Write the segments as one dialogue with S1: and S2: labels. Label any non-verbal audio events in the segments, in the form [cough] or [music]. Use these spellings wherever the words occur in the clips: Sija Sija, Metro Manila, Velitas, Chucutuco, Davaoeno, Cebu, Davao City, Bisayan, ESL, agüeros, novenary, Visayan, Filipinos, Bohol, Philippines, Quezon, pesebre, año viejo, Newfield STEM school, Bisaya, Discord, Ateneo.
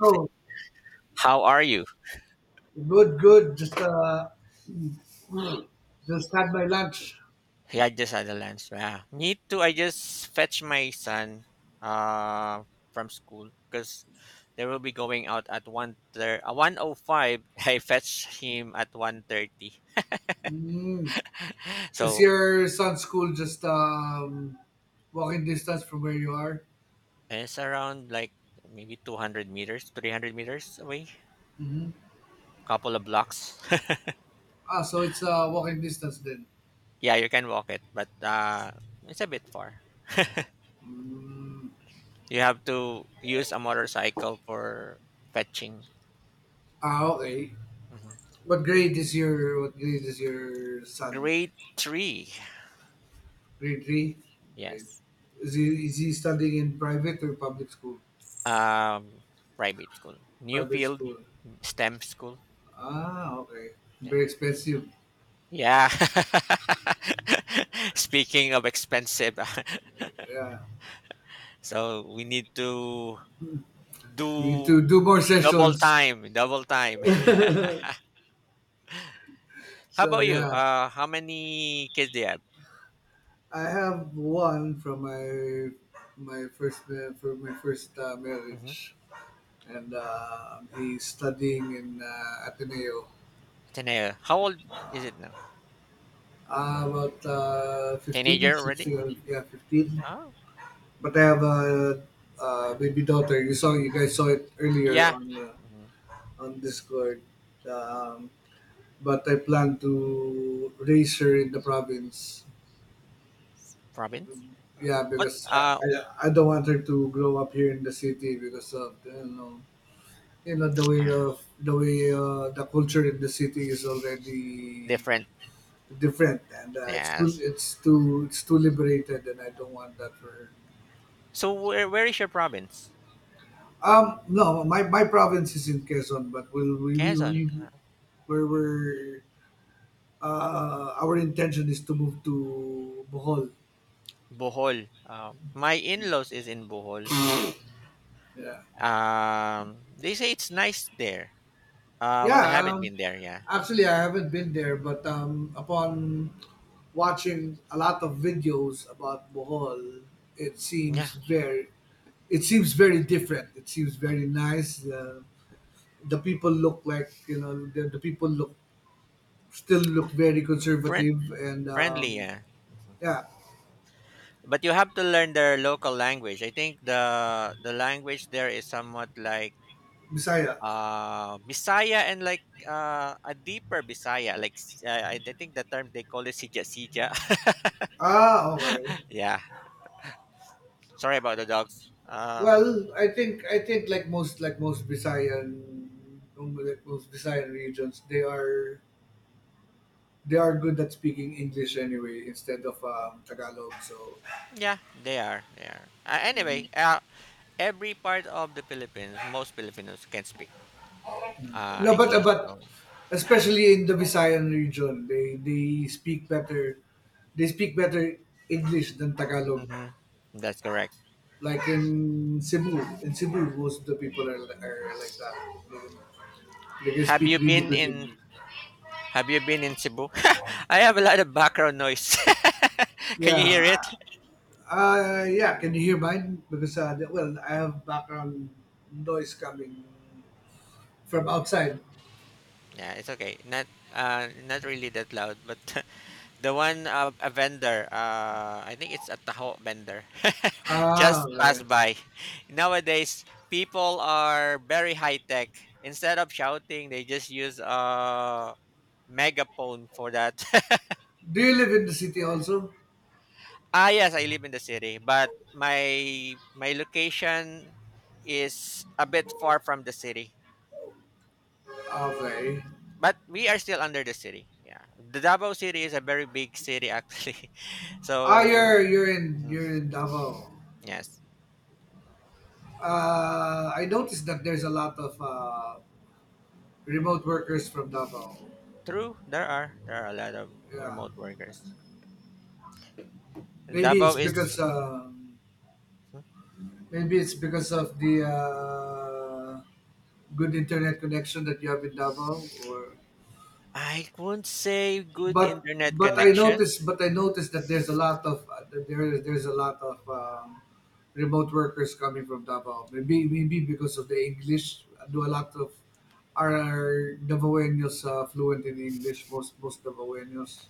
S1: Oh,
S2: How are you?
S1: good, good. Just mm, just had my lunch.
S2: Yeah, I just had a lunch. Yeah. Me too. I just fetch my son uh from school because they will be going out at 1:05. [laughs] I fetch him at 1:30. [laughs]
S1: Mm. Is
S2: So
S1: your son's school just walking distance from where you are?
S2: it's around like maybe 200 meters, 300 meters away,
S1: Hmm.
S2: couple of blocks.
S1: Ah, so it's walking distance then.
S2: [laughs] yeah, you can walk it, but it's a bit far.
S1: Mm.
S2: You have to use a motorcycle for fetching.
S1: Ah, okay.
S2: Mhm.
S1: What grade is your son?
S2: Grade 3.
S1: Grade three. Okay.
S2: Yes.
S1: Is he studying in private or public school?
S2: Um, Private school.
S1: Private
S2: Newfield
S1: school.
S2: STEM school.
S1: Ah, okay.
S2: Yeah.
S1: Very expensive.
S2: Yeah. [laughs] Speaking of expensive,
S1: Yeah.
S2: [laughs] so we need to
S1: We need
S2: do
S1: to do more
S2: double
S1: sessions.
S2: time, double time. [laughs] How
S1: So
S2: about you?
S1: yeah.
S2: How many kids do you have?
S1: I have one from my for my first
S2: Mm-hmm.
S1: marriage, and he's studying in Ateneo.
S2: Ateneo. How old is it now?
S1: About 15,
S2: Teenager already?
S1: 16, 15.
S2: Oh,
S1: But I have baby daughter. You saw, you guys saw it earlier
S2: yeah. Mhm.
S1: on Discord. Um, but I plan to raise her in the province.
S2: Province.
S1: Yeah,
S2: What?
S1: because I don't want her to grow up here in the city because of you know
S2: Uh,
S1: the way the culture in the city is already
S2: Different.
S1: different, and it's too
S2: Yes.
S1: it's too it's too liberated, and I don't want that for her.
S2: So where is your province?
S1: No My province is in Quezon, but
S2: Quezon.
S1: we where we're our intention is to move to Bohol.
S2: Bohol. My in-laws is in Bohol.
S1: Yeah.
S2: They say it's nice there. But I
S1: yeah
S2: haven't
S1: um,
S2: been there. Yeah,
S1: Actually, I haven't been there, but upon watching a lot of videos about Bohol, it
S2: yeah.
S1: seems very… It seems very different. It seems very
S2: Um,
S1: nice. The people look like you know the people look still look very
S2: friend
S1: conservative and
S2: Friendly. Yeah,
S1: yeah,
S2: but you have to learn their local language. I think the language there is somewhat like
S1: Bisaya.
S2: Bisaya and like a deeper Bisaya. Like I think the term they call it Sija Sija.
S1: Ah, okay.
S2: [laughs] yeah. Sorry about the dogs.
S1: Well, I think like most like most Bisayan regions, they are good at speaking English anyway instead of Tagalog. So
S2: Yeah, they are. They are. Anyway, every part of the Philippines, most Filipinos can speak
S1: no,
S2: English.
S1: but
S2: So.
S1: especially in the Visayan region, they speak better. They speak better English than Tagalog.
S2: Mhm. That's correct.
S1: Like in Cebu, most of the people are like that. They can they can
S2: Have
S1: speak
S2: you
S1: really
S2: been
S1: good
S2: in
S1: English.
S2: Cebu? [laughs] I have a lot of background noise. [laughs] can
S1: Yeah,
S2: you hear it?
S1: yeah. Can you hear mine? Because well, I have background noise coming from outside.
S2: Yeah, it's okay. Not really that loud, but [laughs] the one a vendor. I think it's a taho vendor. [laughs]
S1: Ah,
S2: just
S1: okay.
S2: passed by. Nowadays, people are very high tech. Instead of shouting, they just use megaphone for that. [laughs]
S1: Do you live in the city also?
S2: Yes, I live in the city, but my location is a bit far from the city.
S1: Okay.
S2: But we are still under the city. Yeah, the Davao City is a very big city actually. [laughs]
S1: Ah,
S2: so. Mhm,
S1: you're in Davao.
S2: yes,
S1: I noticed that there's a lot of remote workers from Davao.
S2: true. There are a lot of
S1: Yeah,
S2: remote workers.
S1: maybe it's
S2: Davao is
S1: because um, maybe it's because of the good internet connection that you have in Davao, or…
S2: I wouldn't say good internet connection.
S1: But I
S2: Mm-hmm.
S1: noticed that there's a lot of that there there's a lot of remote workers coming from Davao. Maybe because of the English, do a lot of are Davaoenos fluent in English. Most Davaoenos.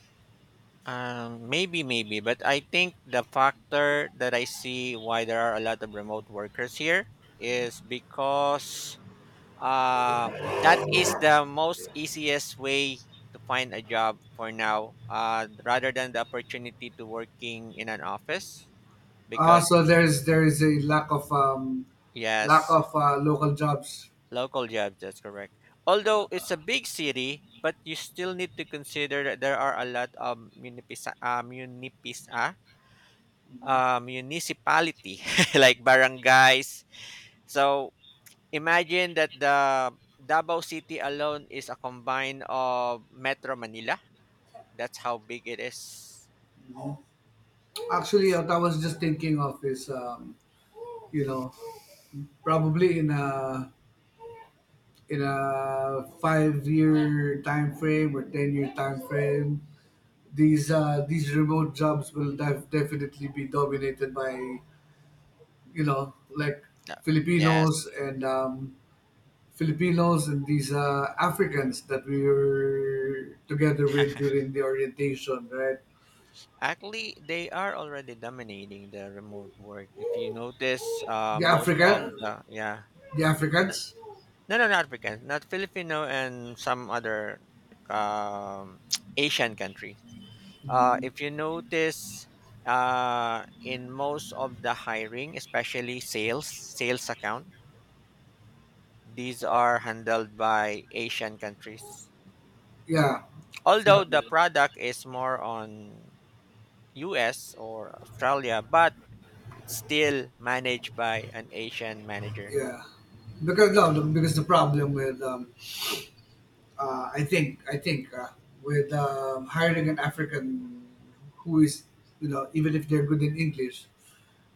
S2: Maybe, maybe, but I think the factor that I see why there are a lot of remote workers here is because that is the most easiest way to find a job for now, rather than the opportunity to working in an office.
S1: Ah,
S2: Because.
S1: so there is a lack of
S2: Yes,
S1: local jobs.
S2: local jobs, that's correct. Although it's a big city, but you still need to consider that there are a lot of munipis, munipis municipality [laughs] like barangays. So imagine that the Davao City alone is a combine of Metro Manila. That's how big it is.
S1: Actually, what I was just thinking of is you know, probably in a 5 year time frame or 10 year time frame, these remote jobs will definitely be dominated by you know, like,
S2: Yeah.
S1: Filipinos
S2: Yes.
S1: and Filipinos and these Africans that we were together with during the orientation, right?
S2: Actually, they are already dominating the remote work. If you notice,
S1: the
S2: most of
S1: african
S2: the yeah.
S1: the
S2: N-
S1: Africans,
S2: no, no, not African, not Filipino, and some other um, [tsk] Asian country. If you notice, in most of the hiring, especially sales account, these are handled by Asian countries.
S1: yeah. So
S2: Although the product is more on US or Australia, but it's still managed by an Asian manager.
S1: yeah, because no, because the problem with I think with hiring an African who is you know, even if they're good in English,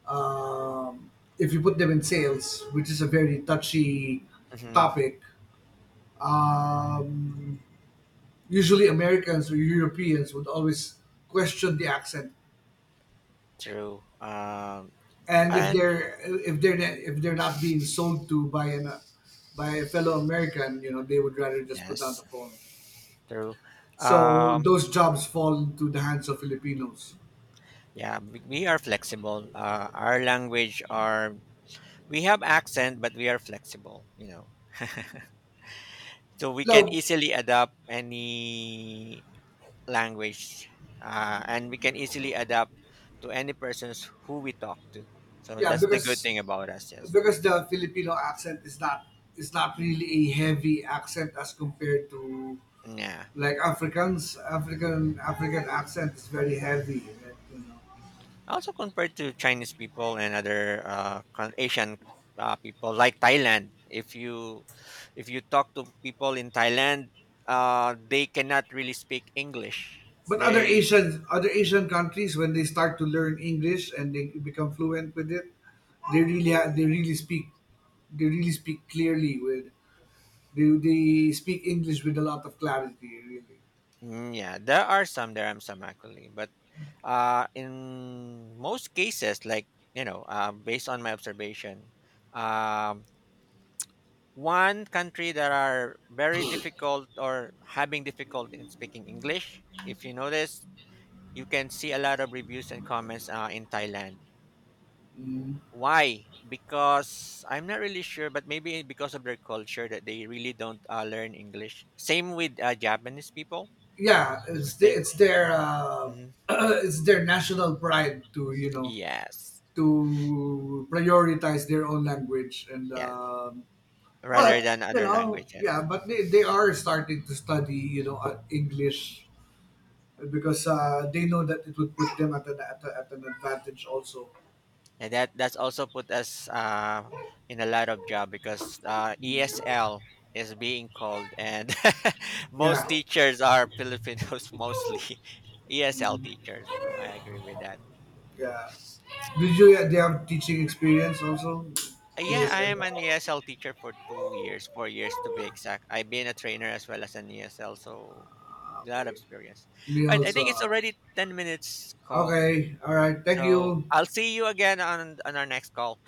S1: um, if you put them in sales, which is a very touchy
S2: Mm-hmm.
S1: topic, um, usually Americans or Europeans would always question the accent,
S2: True.
S1: and
S2: And
S1: if they're not being sold to by an by a fellow American, you know they would rather just put down the
S2: yes,
S1: phone.
S2: true.
S1: So
S2: Um,
S1: those jobs fall into the hands of Filipinos.
S2: yeah, we are flexible. Our language are we have accent, but we are flexible, so we can
S1: No,
S2: easily adapt any language, and we can easily adapt to any persons who we talk to, so
S1: yeah,
S2: that's the good
S1: because
S2: thing about us. Yes.
S1: the Filipino accent is not really a heavy accent as compared to
S2: Yeah,
S1: like Africans. African accent is very heavy, like, you know.
S2: also compared to Chinese people and other Asian people like Thailand. If you talk to people in Thailand, they cannot really speak English.
S1: But
S2: They.
S1: Other Asian countries, when they
S2: Mhm.
S1: start to learn English and they become fluent with it, they They really speak clearly with… they speak English with a lot of clarity. Really,
S2: Mm, yeah, there are some actually, but in most cases, like, based on my observation, um, one country that are very difficult or having difficult in speaking English. If you notice, you can see a lot of reviews and comments, in Thailand. Why? Because I'm not really sure, but maybe because of their culture that they really don't learn English. Same with Japanese people.
S1: yeah,
S2: They,
S1: it's their
S2: Mhm. Mhm.
S1: [clears throat] it's their national pride to you know,
S2: Yes,
S1: to prioritize their own language, and
S2: yeah,
S1: but
S2: rather than
S1: you
S2: other
S1: know,
S2: languages.
S1: yeah, but they are starting to study, you know, English, because they know that it would put them at at an advantage also.
S2: And that's also put us in a lot of job because
S1: Mm.
S2: ESL is being called, and [laughs] most
S1: Yeah,
S2: teachers are Filipinos, [laughs] mostly, ESL teachers. So I agree with that.
S1: yeah. Did you do you have teaching experience also?
S2: Yeah, I
S1: ESL.
S2: am an ESL teacher for 2 years, 4 years to be exact. I've been a trainer as well as an ESL, so
S1: Ah,
S2: a lot of
S1: okay.
S2: experience.
S1: We
S2: All right, I think
S1: also
S2: it's
S1: are.
S2: already 10 minutes call,
S1: Okay. All right. Thank
S2: so
S1: you.
S2: I'll see you again on our next call.